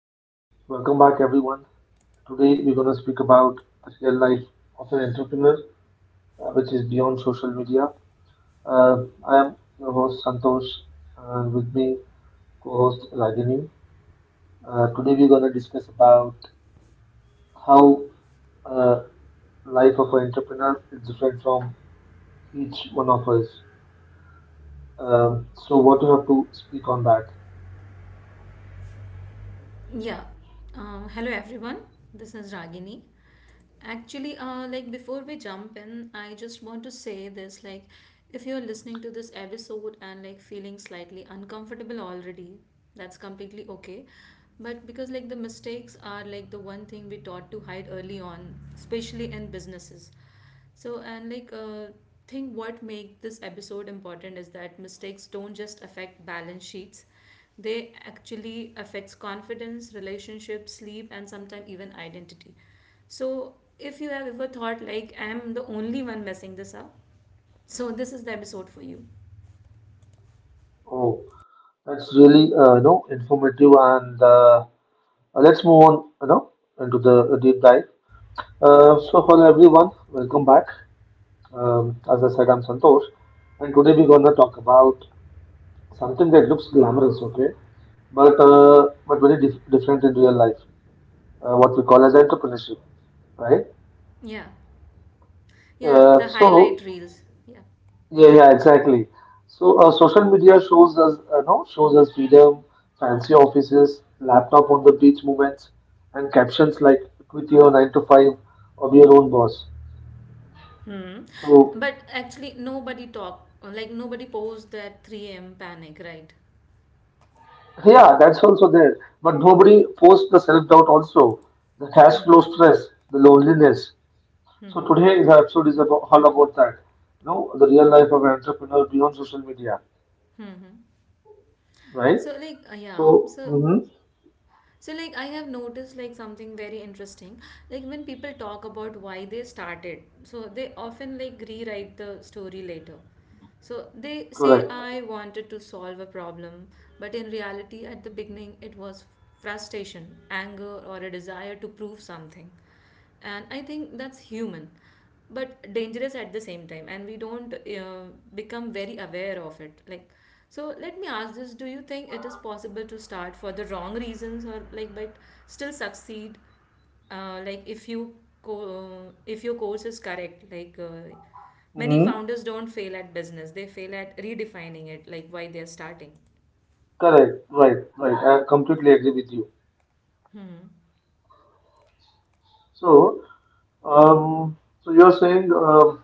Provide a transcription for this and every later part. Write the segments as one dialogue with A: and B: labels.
A: Uh, Welcome back, everyone. Today, we're going to speak about the real life of an entrepreneur, which is beyond social media. Uh, I am your host, Santosh, and with me, co host Ragini. Today, we're going to discuss about how uh, life of an entrepreneur is different from each one of us. So, what do you have to speak on that?
B: Yeah. Hello everyone. This is Ragini. Actually, before we jump in, I just want to say this like if you're listening to this episode and like feeling slightly uncomfortable already, that's completely okay. But because like the mistakes are like the one thing we taught to hide early on, especially in businesses. So and like think what make this episode important is that mistakes don't just affect balance sheets, they actually affects confidence, relationships, sleep, and sometimes even identity. So if you have ever thought like I am the only one messing this up, so this is the episode for you.
A: Oh, that's really you know informative, and let's move on. Into the deep dive. So hello everyone, welcome back. As I said, I'm Santosh, and today we're gonna talk about something that looks glamorous, okay, but very different in real life, what we call as entrepreneurship, right?
B: Yeah. Yeah,
A: Uh,
B: the
A: so
B: highlight reels. Yeah.
A: yeah, exactly. So social media shows us, no, shows us freedom, fancy offices, laptop on the beach moments, and captions like "quit your nine to five or be your own boss."
B: Hmm.
A: So
B: But actually nobody talk like nobody posed that 3 a.m. panic, right?
A: yeah, that's also there. But nobody posts the self doubt also, the cash
B: Mm-hmm.
A: flow stress, the loneliness. So
B: Mm-hmm.
A: today the episode is about all about that. You know, the real life of an entrepreneur beyond social media,
B: Mm-hmm.
A: right?
B: So like uh, yeah,
A: So,
B: so So, like, I have noticed like something very interesting. Like, when people talk about why they started, so they often like rewrite the story later. So they say,
A: correct.
B: I wanted to solve a problem, but in reality, at the beginning, it was frustration, anger, or a desire to prove something. And I think that's human, but dangerous at the same time. And we don't become very aware of it. Like, so let me ask this, do you think it is possible to start for the wrong reasons or like but still succeed like if you if your course is correct like many
A: Mm-hmm,
B: founders don't fail at business, they fail at redefining it, like why they are starting.
A: correct. Right, right. I completely agree with you.
B: Hmm.
A: So, so you're saying,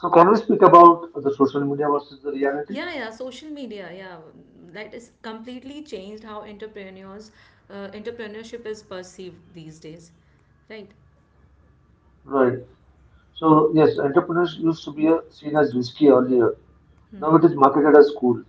A: so can we speak about the social media versus the reality?
B: Yeah, social media, yeah, that is completely changed how entrepreneurship is perceived these days, right?
A: Right. So yes, entrepreneurs used to be seen as risky earlier. Now it
B: Hmm.
A: is marketed as cool.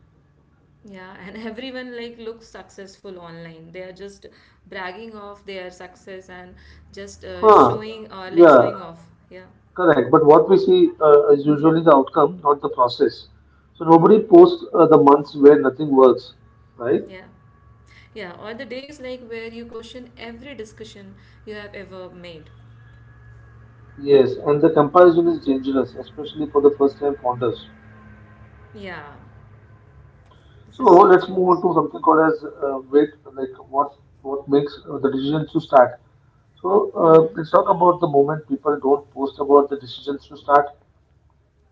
B: Yeah, and everyone like looks successful online. They are just bragging of their success and just
A: Huh.
B: showing or like
A: Yeah,
B: showing off. Yeah.
A: correct. But what we see is usually the outcome, not the process. So nobody
B: Hmm.
A: posts the months where nothing works, right?
B: Yeah. Yeah. Or the days like where you question every discussion you have ever made.
A: Yes, and the comparison is dangerous, especially for the first-time founders.
B: Yeah. This
A: So
B: is so
A: let's
B: true.
A: move on to something called as wait, like what makes the decisions to start. So
B: Hmm.
A: let's talk about the moment people don't post about the decisions to start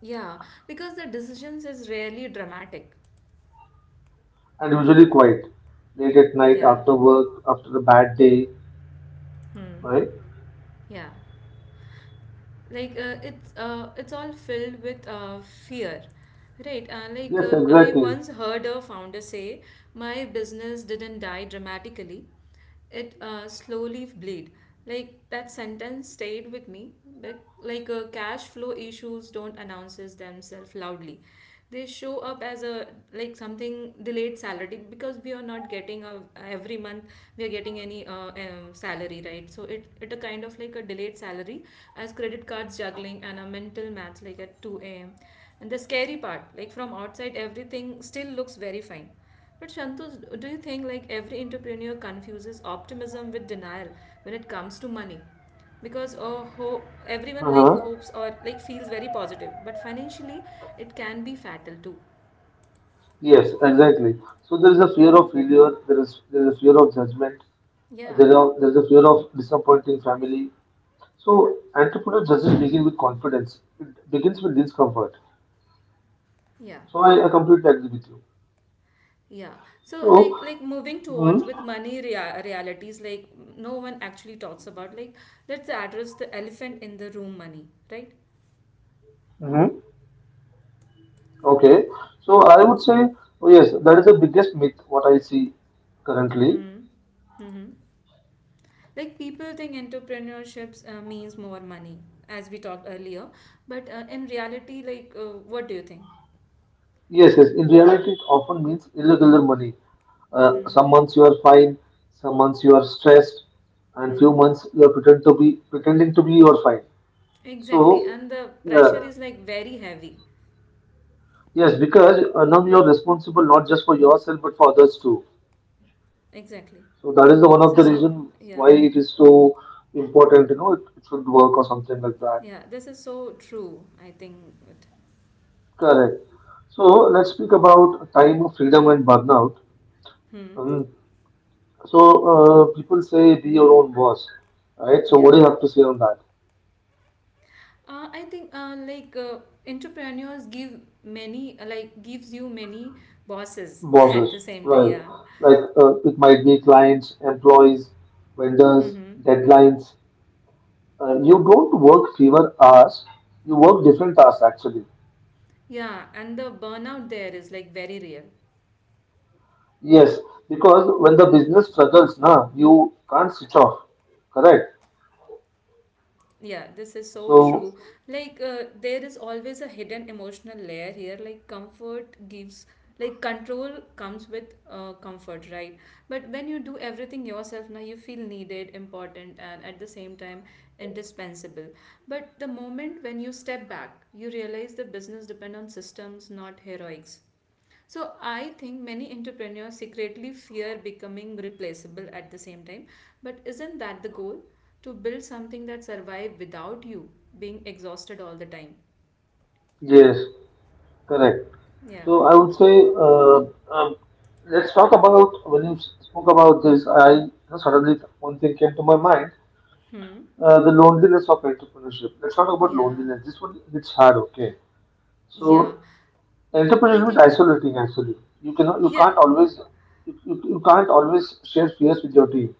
B: Yeah. Because the decisions is rarely dramatic.
A: and usually quiet late at night
B: Yeah.
A: after work after a bad day,
B: Hmm.
A: right?
B: Yeah. It's all filled with fear, right. And
A: Yes,
B: I
A: exactly.
B: once heard a founder say my business didn't die dramatically, it slowly bleed. Like that sentence stayed with me, but cash flow issues don't announces themselves loudly. They show up as a like something delayed salary because we are not getting a, every month we are getting any salary, right, so it a kind of like a delayed salary, as credit cards juggling and a mental math like at 2 a.m, and the scary part like from outside everything still looks very fine. But Shantu, do you think like every entrepreneur confuses optimism with denial when it comes to money? Because everyone like
A: Uh-huh.
B: hopes or like feels very positive, but financially it can be fatal too.
A: Yes, exactly. So there is a fear of failure. There is a fear of judgment.
B: Yeah,
A: There is a fear of disappointing family. So entrepreneur doesn't begin with confidence. It begins with discomfort.
B: yeah,
A: So I completely agree with you.
B: yeah. So
A: So,
B: like moving towards
A: hmm
B: with money realities like no one actually talks about. Like let's address the elephant in the room, money, right?
A: hmm okay. So I would say, oh yes, that is the biggest myth what I see currently.
B: Hmm. Hmm. Like people think entrepreneurships means more money, as we talked earlier, but in reality, like, what do you think?
A: Yes, yes. In reality, it often means irregular money.
B: Hmm.
A: Some months you are fine, some months you are stressed, and few
B: Hmm.
A: months you are pretending to be you are fine. So,
B: Exactly, and the
A: yeah,
B: pressure is like very heavy.
A: yes, because now you are responsible not just for yourself but for others too.
B: Exactly.
A: So that is the one
B: This
A: of the
B: is so.
A: reason
B: Yeah.
A: why it is so important. You know, it should work or something like that.
B: Yeah. This is so true. I think. It,
A: Correct. So let's speak about time of freedom and burnout.
B: hmm.
A: Um, So People say be your own boss, right? So what do
B: Yeah.
A: you have to say on that?
B: I think entrepreneurs give many like gives you many bosses
A: Bosses,
B: at the same time.
A: right?
B: Yeah.
A: Like it might be clients, employees, vendors,
B: Mm-hmm.
A: deadlines. You don't work fewer hours. You work different hours actually.
B: Yeah, and the burnout there is like very real.
A: Yes, because when the business struggles, na, you can't switch off. Correct.
B: Yeah, this is so
A: So
B: true. Like, there is always a hidden emotional layer here. Like, control comes with comfort, right? But when you do everything yourself, now you feel needed, important, and at the same time, indispensable. But the moment when you step back, you realize the business depend on systems, not heroics. So I think many entrepreneurs secretly fear becoming replaceable at the same time. But isn't that the goal? To build something that survive without you being exhausted all the time.
A: yes, correct.
B: Yeah.
A: So I would say, let's talk about when you spoke about this. I you know, suddenly one thing came to my mind:
B: Hmm.
A: the loneliness of entrepreneurship. Let's talk about
B: Yeah.
A: loneliness. This one hits hard, okay?
B: Yeah.
A: So
B: I
A: entrepreneurship is
B: think
A: isolating. Actually, you cannot, you
B: yeah.
A: can't always, you can't always share fears with your team.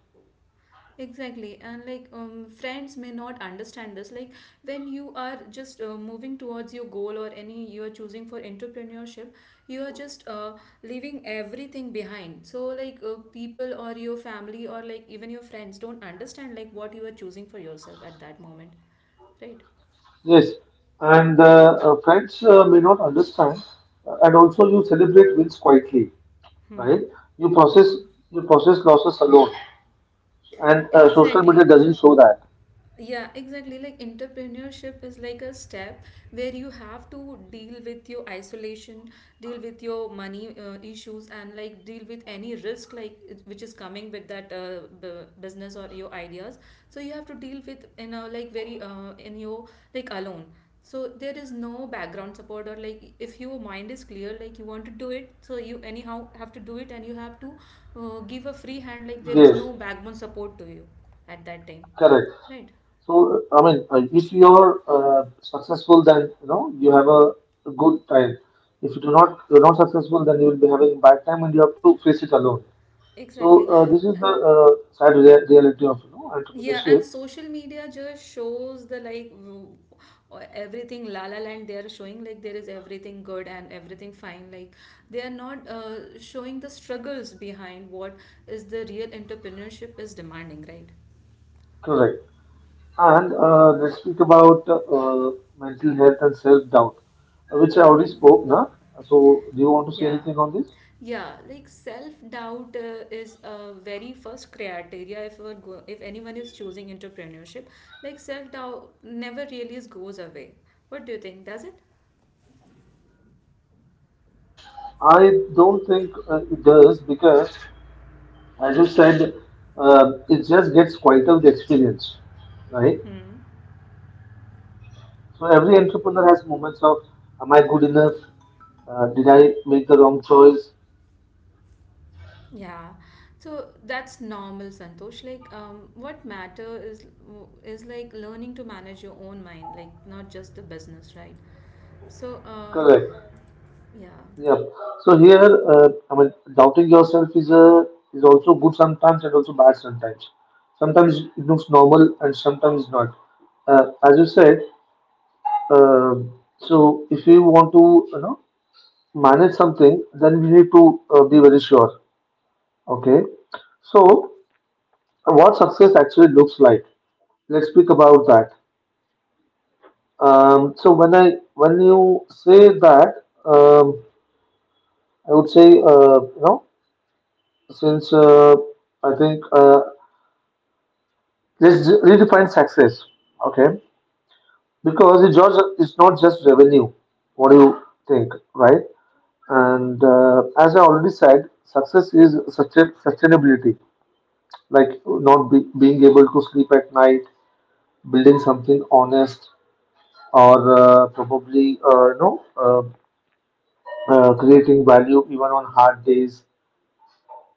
B: Exactly, and like friends may not understand this. Like when you are just moving towards your goal or any you are choosing for entrepreneurship, you are just leaving everything behind. So like people or your family or like even your friends don't understand like what you are choosing for yourself at that moment, right?
A: Yes, and friends may not understand, and also you celebrate wins quietly, right?
B: Hmm.
A: You process
B: Mm-hmm.
A: you process losses alone. And social media
B: Exactly.
A: doesn't show that.
B: Yeah, exactly. Like entrepreneurship is like a step where you have to deal with your isolation, deal with your money issues, and like deal with any risk like which is coming with that business or your ideas. So you have to deal with in a like very in your like alone. So there is no background support or like if your mind is clear, like you want to do it, so you anyhow have to do it, and you have to give a free hand. Like there is
A: Yes,
B: no backbone support to you at that time,
A: correct.
B: right?
A: So I mean, if you're successful, then you know you have a good time. If you do not, you're not successful, then you will be having bad time, and you have to face it alone. So
B: Exactly.
A: this is the
B: And
A: sad reality of you know
B: yeah, and
A: entrepreneurship.
B: social media just shows everything la la land they are showing, like there is everything good and everything fine, like they are not showing the struggles behind what is the real entrepreneurship is demanding, right?
A: Correct. And let's speak about mental health and self doubt, which I already
B: Mm-hmm.
A: spoke. Na. So do you want to say
B: Yeah.
A: anything on this?
B: Yeah, like self-doubt is a very first criteria if we're go if anyone is choosing entrepreneurship. Like self-doubt never really is goes away. What do you think? Does it?
A: I don't think it does because as you said, it just gets quieter with experience, right?
B: Hmm.
A: So every entrepreneur has moments of, am I good enough? Did I make the wrong choice?
B: Yeah, so that's normal, Santosh. Like, what matter is like learning to manage your own mind, like not just the business, right? So,
A: Correct.
B: yeah,
A: Yeah. So here, I mean, doubting yourself is a is also good sometimes and also bad sometimes. Sometimes it looks normal and sometimes not. As you said, uh, so if you want to, you know, manage something, then we need to be very sure. Okay. So what success actually looks like. Let's speak about that. So when you say that, I would say you know since I think let's redefine success. Okay, because it's not just revenue. What do you think, right? And as I already said, success is sustainability, like not be, being able to sleep at night, building something honest, or probably you know creating value even on hard days.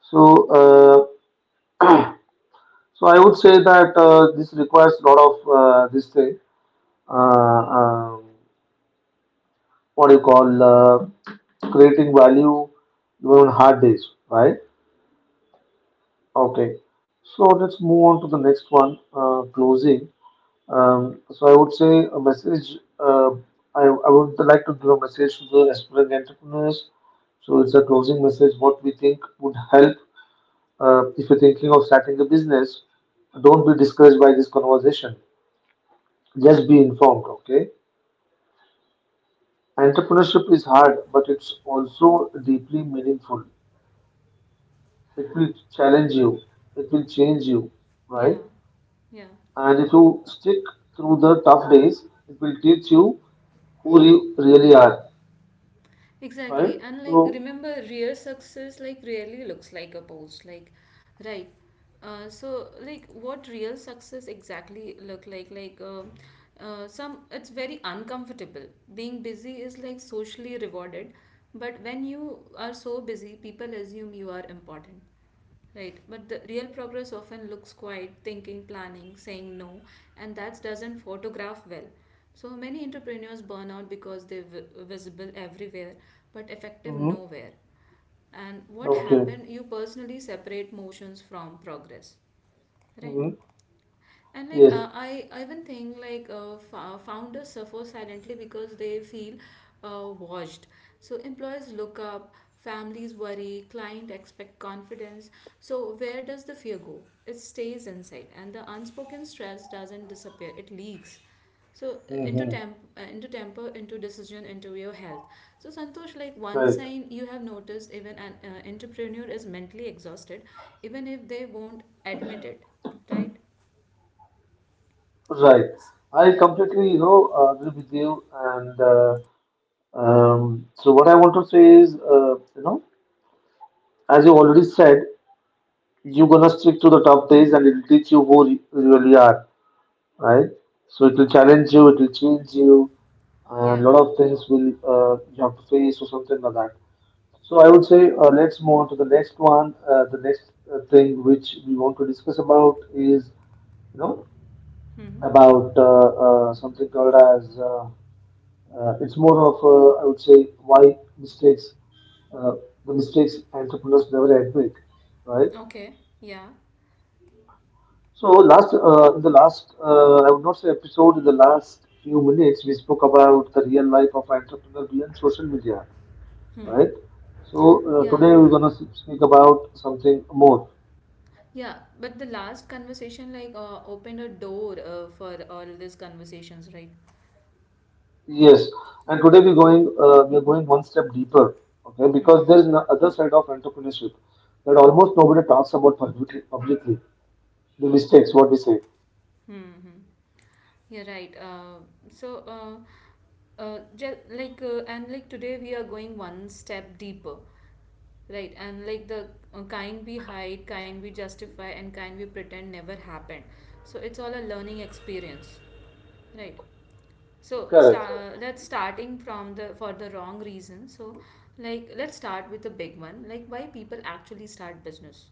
A: So so I would say that this requires a lot of this thing. Uh, um, what do you call creating value even on hard days, right? Okay. So let's move on to the next one. Closing. So I would say a message. I would like to give a message to the aspiring entrepreneurs. So it's a closing message. What we think would help if you're thinking of starting a business. Don't be discouraged by this conversation. Just be informed. Okay. Entrepreneurship is hard, but it's also deeply meaningful. It will challenge you. It will change you, right?
B: yeah, yeah.
A: And if you stick through the tough days, it will teach you who you really are. Right?
B: Exactly. And like
A: So,
B: remember real success like really looks like a post. Like right. So like what real success exactly look like some it's very uncomfortable. Being busy is like socially rewarded, but when you are so busy people assume you are important. Right, but the real progress often looks quiet, thinking, planning, saying no, and that doesn't photograph well. So many entrepreneurs burn out because they're visible everywhere but effective
A: mhm,
B: nowhere. And what
A: okay.
B: happened, you personally separate motions from progress, right?
A: Mhm,
B: And
A: yes.
B: I even think founders suffer silently because they feel watched. So employees look up, families worry, client expect confidence. So where does the fear go? It stays inside, and the unspoken stress doesn't disappear. It leaks. So
A: Mhm,
B: into temper, into decision, into your health. So Santosh, like one
A: right.
B: sign you have noticed, even an entrepreneur is mentally exhausted, even if they won't admit it, right?
A: Right.
B: S-
A: I
B: Yeah.
A: completely, you know, agree with you. And so, what I want to say is, you know, as you already said, you're gonna stick to the top days, and it'll teach you who you really are. Right? So, it will challenge you. It will change you. And a
B: Yeah.
A: lot of things will you have to face or something like that. So I would say let's move on to the next one. The next thing which we want to discuss about is you know
B: Hmm.
A: about something called as it's more of I would say why mistakes uh, the mistakes entrepreneurs never admit, right?
B: Okay. Yeah.
A: So last in the last I would not say episode in the last few minutes we spoke about the real life of entrepreneur beyond social media, right?
B: Hmm.
A: So
B: Yeah.
A: today we're gonna speak about something more.
B: Yeah. But the last conversation opened a door for all these conversations, right?
A: Yes, and today we're going one step deeper, okay? Because there
B: Hmm.
A: is no other side of entrepreneurship that almost nobody talks about publicly. The mistakes, what we say.
B: Hmm. Yeah. Right. So just like and like Today we are going one step deeper. Right, and like the kind we hide, kind we justify, and kind we pretend never happened. So it's all a learning experience, right?
A: Correct.
B: Let's starting from the for the wrong reason. So like let's start with the big one. Like why people actually start business.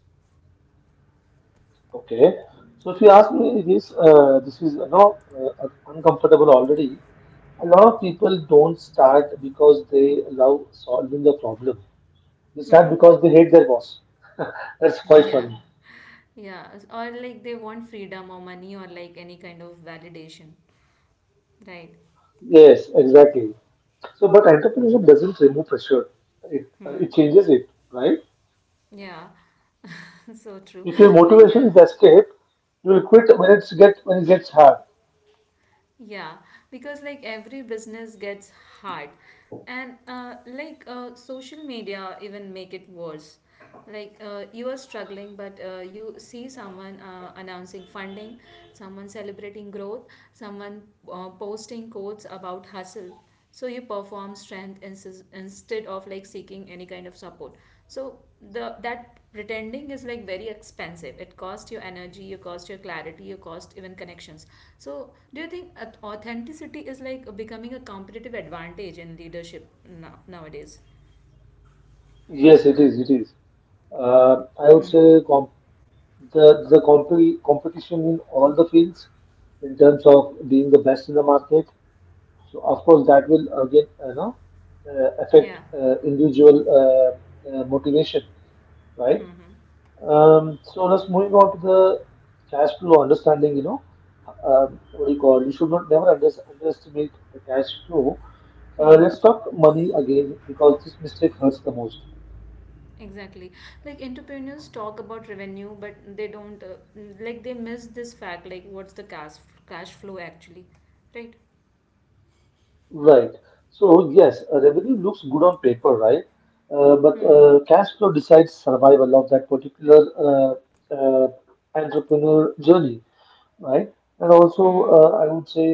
A: Okay. So if you ask me, this this is you know uncomfortable already. A lot of people don't start because they love solving the problem. They start
B: Hmm.
A: because they hate their boss. That's quite
B: Yeah.
A: funny.
B: Yeah. Or like they want freedom or money or like any kind of validation. Right.
A: Yes, exactly. So, but entrepreneurship doesn't remove pressure. It
B: Hmm.
A: it changes it, right?
B: Yeah. So true.
A: If your
B: Like
A: motivation
B: uh,
A: is escape, you will quit when it gets hard.
B: Yeah, because like every business gets hard, and social media even make it worse. Like you are struggling, but you see someone announcing funding, someone celebrating growth, someone posting quotes about hustle. So you perform strength instead of like seeking any kind of support. So the that pretending is like very expensive. It costs you energy, you cost your clarity, you cost even connections. So, do you think authenticity is like becoming a competitive advantage in leadership now, nowadays?
A: Yes, it is. It is. I would say
B: Mm-hmm.
A: comp- the comp- competition in all the fields, in terms of being the best in the market. So of course that will again you know affect
B: Yeah.
A: individual motivation, right?
B: Mm-hmm.
A: So let's moving on to the cash flow understanding, you know, what do you call? You should not never underestimate the cash flow.
B: Mm-hmm.
A: Let's talk money again because this mistake hurts the most.
B: Exactly. Like entrepreneurs talk about revenue, but they don't. Like they miss this fact. Like what's the cash flow actually, right?
A: Right. So yes, revenue looks good on paper, right? Uh, but
B: Hmm.
A: uh, cash flow decides survival of that particular uh, uh, entrepreneur journey, right? And also,
B: Hmm.
A: I would say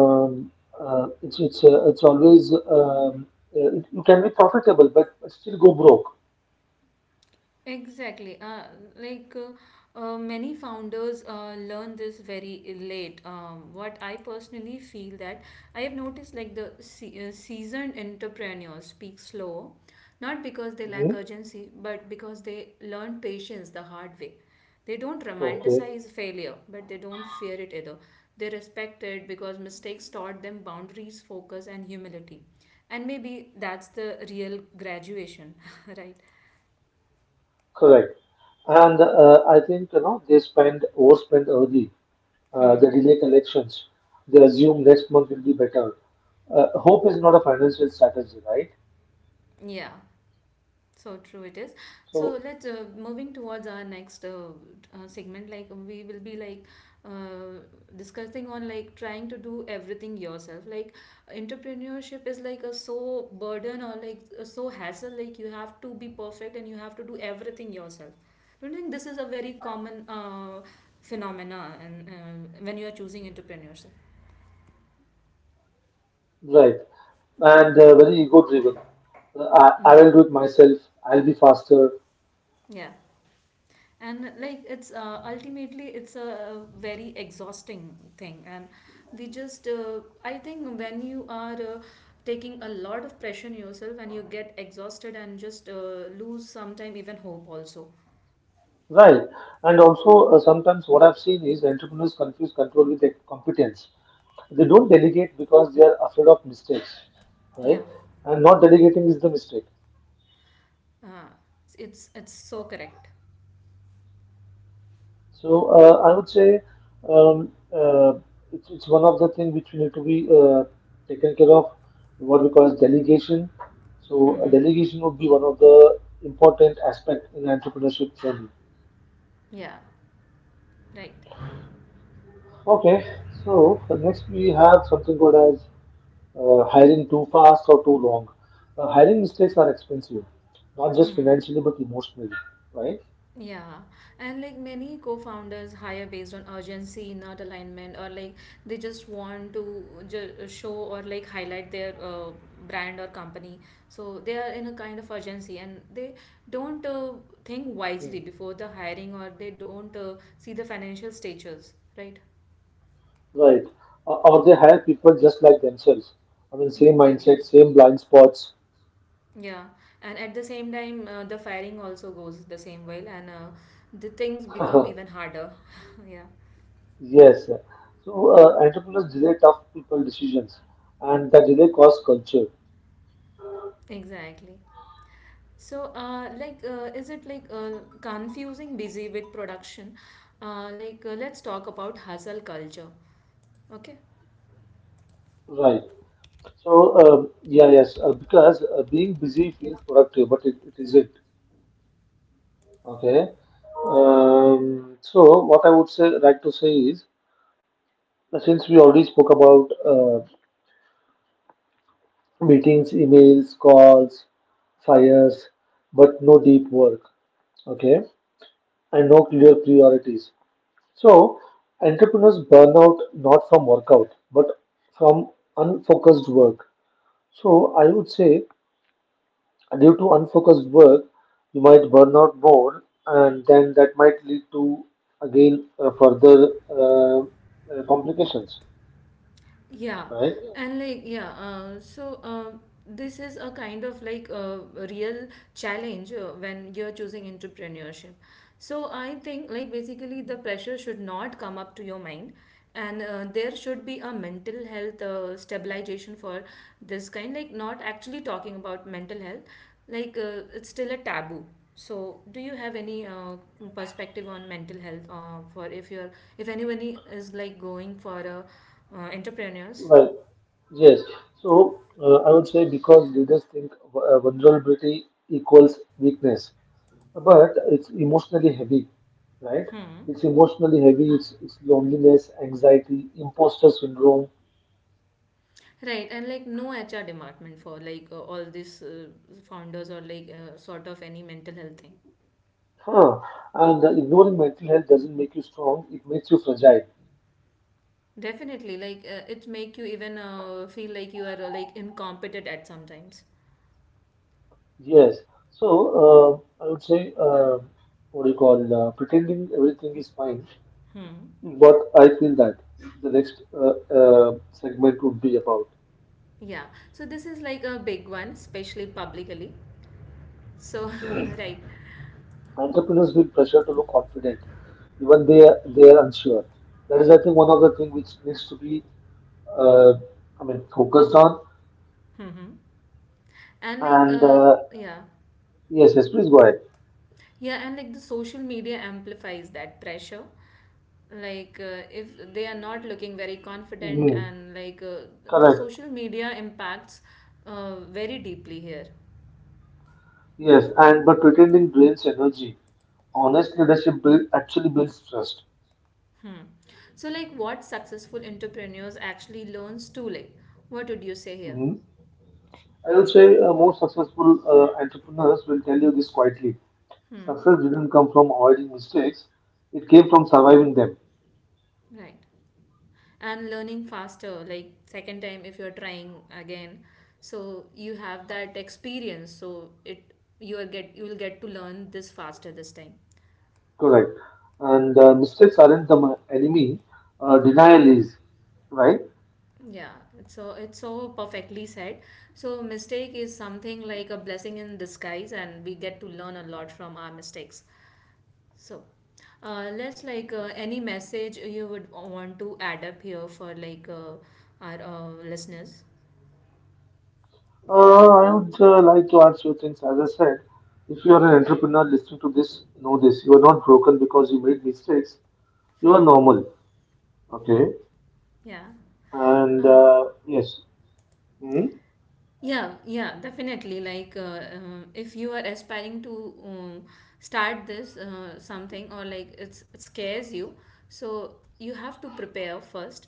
A: Um, it's always you can be profitable but still go broke.
B: Exactly. Many founders learn this very late. What I personally feel that I have noticed like the seasoned entrepreneurs speak slow, not because they lack
A: Mhm.
B: urgency, but because they learn patience the hard way. They don't
A: Okay,
B: romanticize failure, but they don't fear it either. They respect it because mistakes taught them boundaries, focus, and humility. And maybe that's the real graduation, right?
A: correct. And I think you know they spend overspend early.
B: Hmm.
A: They delay collections. They assume next month will be better. Hope is not a financial strategy, right?
B: Yeah, so true it is. So
A: So
B: let's moving towards our next segment. Like we will be uh, discussing on like trying to do everything yourself. Like entrepreneurship is like a so burden or like a so hassle. Like you have to be perfect and you have to do everything yourself. Don't you think this is a very common phenomena and when you are choosing entrepreneurship.
A: right, and very ego driven. I
B: Mm.
A: will do it myself. I'll be faster.
B: Yeah. And like it's ultimately it's a very exhausting thing, and we just I think when you are taking a lot of pressure on yourself, and you get exhausted and just lose sometime even hope also.
A: Right. And also, sometimes what I've seen is entrepreneurs confuse control with their competence. They don't delegate because they are afraid of mistakes,
B: Yeah,
A: right? And not delegating is the mistake.
B: uh, it's so correct.
A: So I would say um, uh, it's one of the things which we need to be taken care of, what we call as delegation. So
B: Mm-hmm.
A: delegation would be one of the important aspect in entrepreneurship journey.
B: Yeah. Right.
A: Okay, so next we have something called as hiring too fast or too long. Hiring mistakes are expensive, not just
B: Mm-hmm.
A: financially but emotionally, right?
B: Yeah, and like many co-founders hire based on urgency, not alignment, or like they just want to show or like highlight their brand or company. So they are in a kind of urgency, and they don't think wisely
A: Mm.
B: before the hiring, or they don't see the financial stages, right?
A: Right. Or they hire people just like themselves. I mean, same
B: Exactly.
A: mindset, same blind spots.
B: Yeah, and at the same time, the firing also goes the same way, and the things become even harder. Yeah,
A: Yes. So entrepreneurs delay tough people decisions, and that delay causes culture.
B: exactly. So, like, is it like confusing busy with production? Like, let's talk about hustle culture. Okay.
A: Right. So yeah, yes, because being busy feels productive, but it isn't. Okay. So what I would say, like to say is, now, since we already spoke about meetings, emails, calls, fires, but no deep work, okay, and no clear priorities. So, entrepreneurs burn out not from workout but from unfocused work. So, I would say due to unfocused work, you might burn out more, and then that might lead to again further complications,
B: Yeah,
A: right?
B: and like yeah, so this is a kind of like a real challenge when you're choosing entrepreneurship. So I think like basically the pressure should not come up to your mind, and there should be a mental health stabilization for this kind. Like, not actually talking about mental health, like it's still a taboo. So do you have any perspective on mental health for if anyone is like going for a entrepreneurs?
A: Well, yes. So I would say because leaders think vulnerability equals weakness, but it's emotionally heavy, right?
B: Hmm.
A: It's emotionally heavy. It's loneliness, anxiety, imposter syndrome.
B: Right, and like no HR department for like all these founders or like sort of any mental health thing.
A: Huh. And ignoring mental health doesn't make you strong. It makes you fragile.
B: Definitely, like it make you even feel like you are like incompetent at sometimes.
A: Yes. So I would say what do you call pretending everything is fine.
B: Hmm.
A: But I feel that the next segment would be about.
B: Yeah, so this is like a big one, especially publicly, so right.
A: Entrepreneurs feel pressure to look confident, even they are unsure. That is, I think, one of the things which needs to be, uh, I mean, focused on.
B: Hmm, and like
A: And
B: yeah,
A: yes, yes, please go ahead.
B: yeah, and like the social media amplifies that pressure, like if they are not looking very confident
A: Hmm.
B: and like the
A: Correct.
B: social media impacts very deeply here.
A: Yes, and but pretending drains energy. Honest leadership actually builds trust.
B: Hmm. So like, what successful entrepreneurs actually learns too late? What would you say here?
A: Hmm. I would say most successful entrepreneurs will tell you this quietly.
B: Hmm.
A: Success didn't come from avoiding mistakes; it came from surviving them.
B: Right, and learning faster, like second time if you're trying again, so you have that experience, so it you are get you will get to learn this faster this time.
A: Correct. And mistakes aren't the enemy,
B: Hmm.
A: denial is, right?
B: Yeah, it's so perfectly said. So mistake is something like a blessing in disguise, and we get to learn a lot from our mistakes. So, let's like any message you would want to add up here for like our listeners?
A: Uh, I would like to add few things. As I said, if you are an entrepreneur listening to this, know this. You are not broken because you made mistakes. You are
B: Hmm.
A: normal. Okay.
B: Yeah.
A: And
B: Uh,
A: yes. Hmm.
B: Yeah, yeah, definitely. Like, if you are aspiring to start this something, or like it scares you, so you have to prepare first.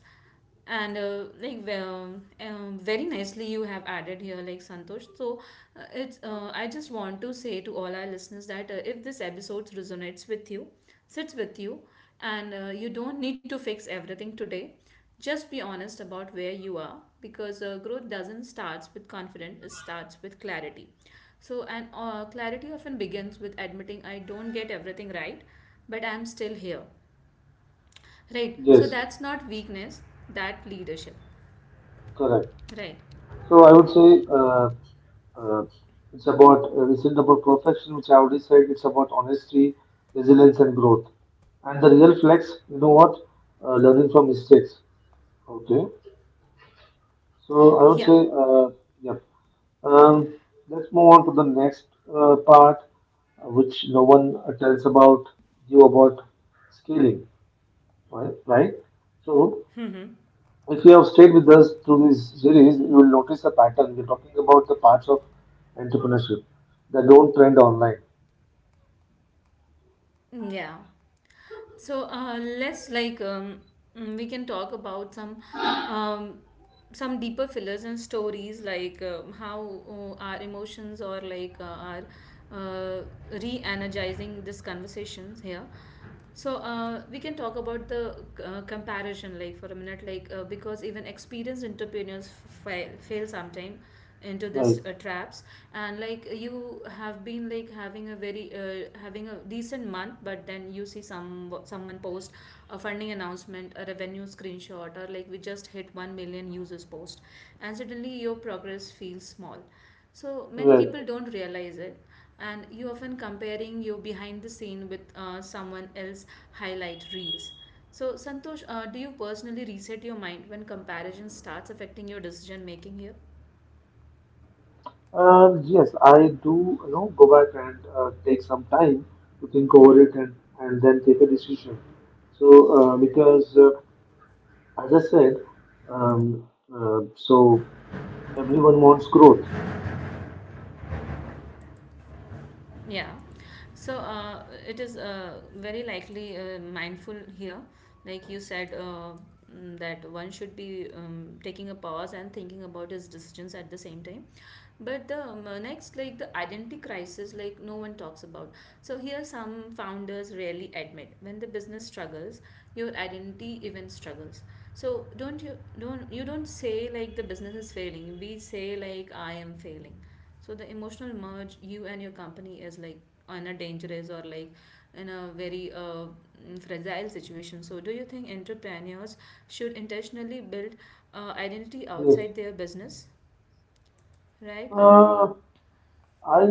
B: And like, well, very nicely you have added here, like, Santosh. So it's I just want to say to all our listeners that if this episode resonates with you, sits with you, and you don't need to fix everything today. Just be honest about where you are, because growth doesn't starts with confidence, it starts with clarity. So, and clarity often begins with admitting, I don't get everything right, but I'm still here, right? So
A: Yes.
B: that's not weakness, that leadership,
A: Correct.
B: right?
A: So I would say uh, it's about it's not about perfection, which I already said. It's about honesty, resilience, and growth. And the real flex, you know what? Learning from mistakes. Okay. So I would
B: Yeah.
A: say, uh, yeah. Um, let's move on to the next part, which no one tells about you about scaling, right? Right. So
B: Mm-hmm.
A: if you have stayed with us through this series, you will notice a pattern. We're talking about the parts of entrepreneurship that don't trend online.
B: Yeah. So let's like we can talk about um, some deeper fillers and stories, like how our emotions, or like our uh, re-energizing this conversations here. So we can talk about the comparison, like, for a minute, like because even experienced entrepreneurs fail sometime into this
A: Right,
B: traps, and like you have been like having a decent month, but then you see someone post a funding announcement, a revenue screenshot, or like, we just hit 1 million users post, and suddenly your progress feels small. So many
A: right.
B: people don't realize it, and you often comparing your behind the scene with someone else highlight reels. So, Santosh, do you personally reset your mind when comparison starts affecting your decision making here?
A: Yes, I do, you know, go back and take some time to think over it and then take a decision. So, because as I said, um, so everyone wants growth.
B: Yeah. So it is very likely mindful here. Like you said, that one should be taking a pause and thinking about his decisions at the same time. But the next, like, the identity crisis, like no one talks about. So here, some founders rarely admit when the business struggles, your identity even struggles. So don't you don't you don't say, like, the business is failing. We say, like, I am failing. So the emotional merge, you and your company, is like in a dangerous, or like in a very fragile situation. So do you think entrepreneurs should intentionally build identity
A: Yes.
B: outside their business, right?
A: Uh, I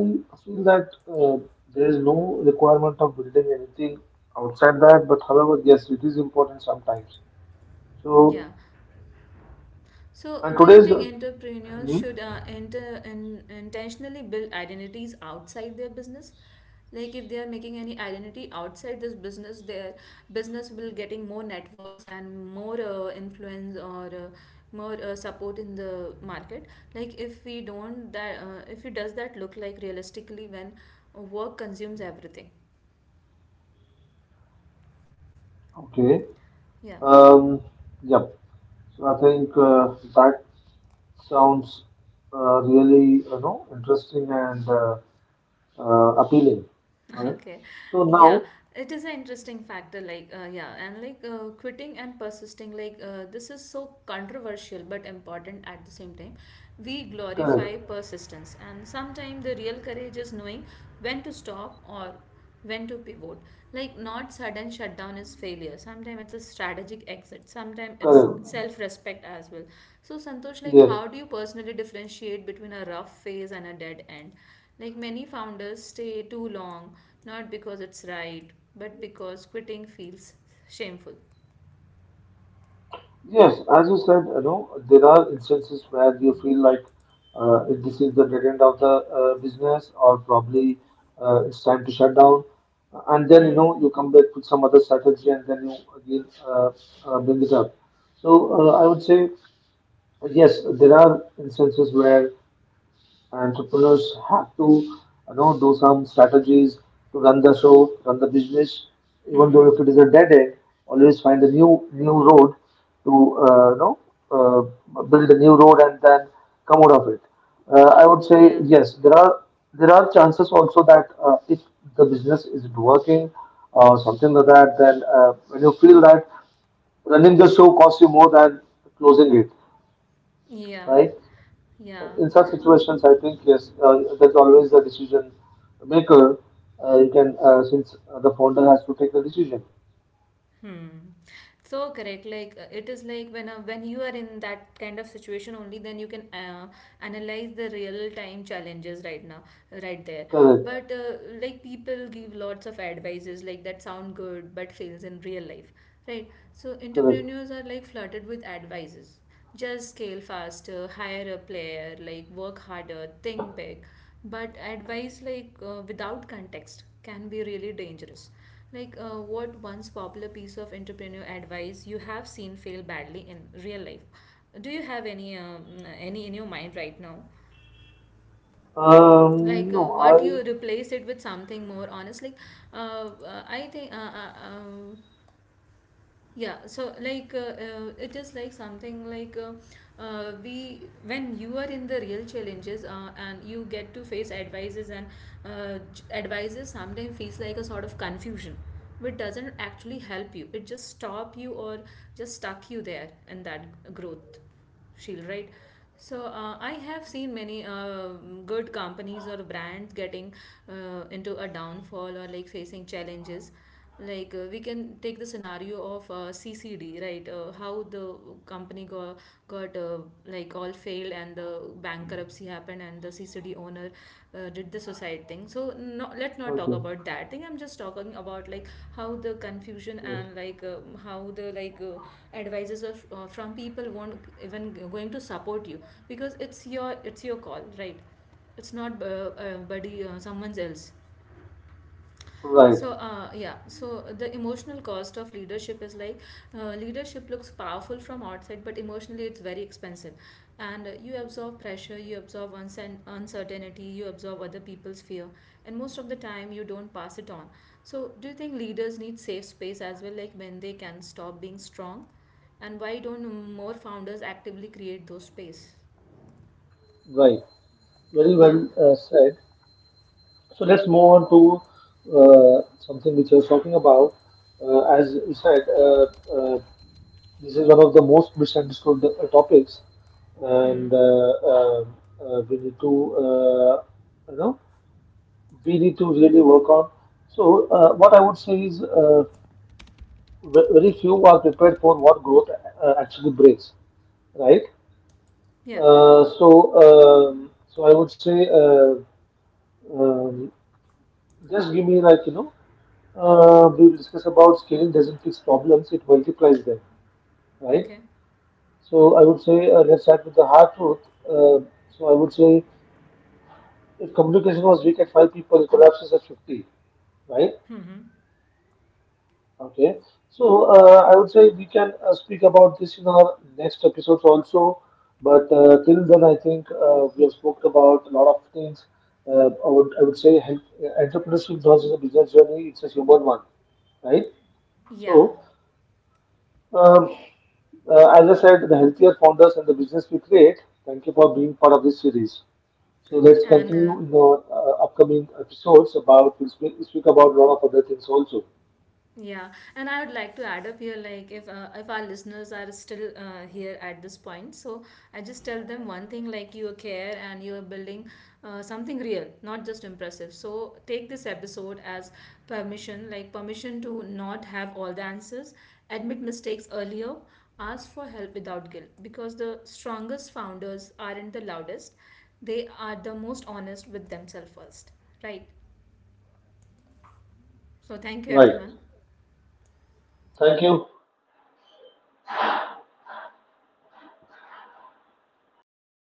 A: feel that there is no requirement of building anything outside that, but however, yes, it is important sometimes. So,
B: Yeah. So
A: and
B: do you
A: today's
B: think
A: hmm,
B: entrepreneurs should intentionally build identities outside their business? Like, if they are making any identity outside this business, their business will getting more networks and more influence, or more support in the market? Like, if it does, that look like realistically when work consumes everything?
A: okay,
B: Yeah.
A: um, yeah. So I think that sounds really you know interesting and appealing. All right.
B: Okay,
A: So now,
B: yeah, it is an interesting factor. Like, yeah, and like quitting and persisting, like, this is so controversial but important at the same time. We
A: correct,
B: glorify persistence, and sometimes the real courage is knowing when to stop or when to pivot. Like, not sudden shutdown is failure. Sometimes it's a strategic exit, sometimes it's
A: correct.
B: self respect as well. So, Santosh, like,
A: Yes.
B: how do you personally differentiate between a rough phase and a dead end? Like, many founders stay too long, not because it's right, but because quitting feels shameful.
A: Yes, as you said, you know, there are instances where you feel like if this is the dead end of the business, or probably it's time to shut down, and then you
B: Hmm.
A: know you come back with some other strategy, and then you again bring it up. So I would say yes, there are instances where entrepreneurs have to you know do some strategies to run the show, run the business, even though if
B: Hmm.
A: it is a dead end, always find a new road to you know build a new road and then come out of it. I would say
B: Yeah.
A: yes, there are chances also that if the business isn't working or something like that, then when you feel that running the show costs you more than closing it,
B: Yeah.
A: right? In
B: Yeah.
A: such situations, I think yes, that's always the decision maker. You can since the founder has to take the decision.
B: Hmm. So correct. Like it is like when you are in that kind of situation only, then you can analyze the real time challenges right now, right there.
A: Correct,
B: But like, people give lots of advices like that sound good but fails in real life, right? So
A: correct.
B: entrepreneurs are like flooded with advices. Just scale faster, hire a player, like work harder, think big. But advice like without context can be really dangerous. Like, what once popular piece of entrepreneur advice you have seen fail badly in real life? Do you have any in your mind right now? Like,
A: No,
B: what you
A: I
B: replace it with something more honest? Like, I think yeah, so like it is like something like we when you are in the real challenges and you get to face advices, and advices sometimes feels like a sort of confusion, which doesn't actually help you. It just stop you, or just stuck you there in that growth shield, right? So I have seen many good companies or brands getting into a downfall, or like facing challenges. Like we can take the scenario of CCD, right? How the company got like all failed, and the bankruptcy happened, and the CCD owner did the suicide thing. So no, let's not talk
A: okay,
B: about that thing. I'm just talking about like, how the confusion,
A: yes,
B: and like how the like advisors of, from people won't even going to support you, because it's your call, right? It's not buddy, someone's else.
A: right,
B: So, yeah, so the emotional cost of leadership is like, leadership looks powerful from outside, but emotionally it's very expensive. And you absorb pressure, you absorb uncertainty, you absorb other people's fear, and most of the time you don't pass it on. So, do you think leaders need safe space as well, like when they can stop being strong? And why don't more founders actively create those space?
A: right. Very
B: Yeah.
A: well said. So let's move on to something which I was talking about. As you said, uh, this is one of the most misunderstood topics, and
B: Hmm.
A: we need to you know we need to really work on. So, what I would say is, very few are prepared for what growth actually brings, right?
B: Yeah.
A: So, so I would say, um, just give me like you know, we will discuss about scaling doesn't fix problems; it multiplies them, right?
B: Okay.
A: So, I would say, let's start with the hard truth. So, I would say, if communication was weak at five people, it collapses at 50, right?
B: Hmm.
A: Okay, so I would say we can speak about this in our next episodes also. But till then, I think we have spoke about a lot of things. I would say help, entrepreneurship not just a business journey; it's a human one, right? So,
B: Yeah.
A: um, as I said, the healthier founders and the business we create. Thank you for being part of this series. So let's
B: And
A: continue in our upcoming episodes about we'll speak about a lot of other things also.
B: yeah, and I would like to add up here, like, if our listeners are still here at this point, so I just tell them one thing: like, you care and you are building something real, not just impressive. So take this episode as permission, like permission to not have all the answers, admit mistakes earlier, ask for help without guilt, because the strongest founders aren't the loudest; they are the most honest with themselves first, right? So thank you,
A: Right.
B: everyone.
A: Thank you.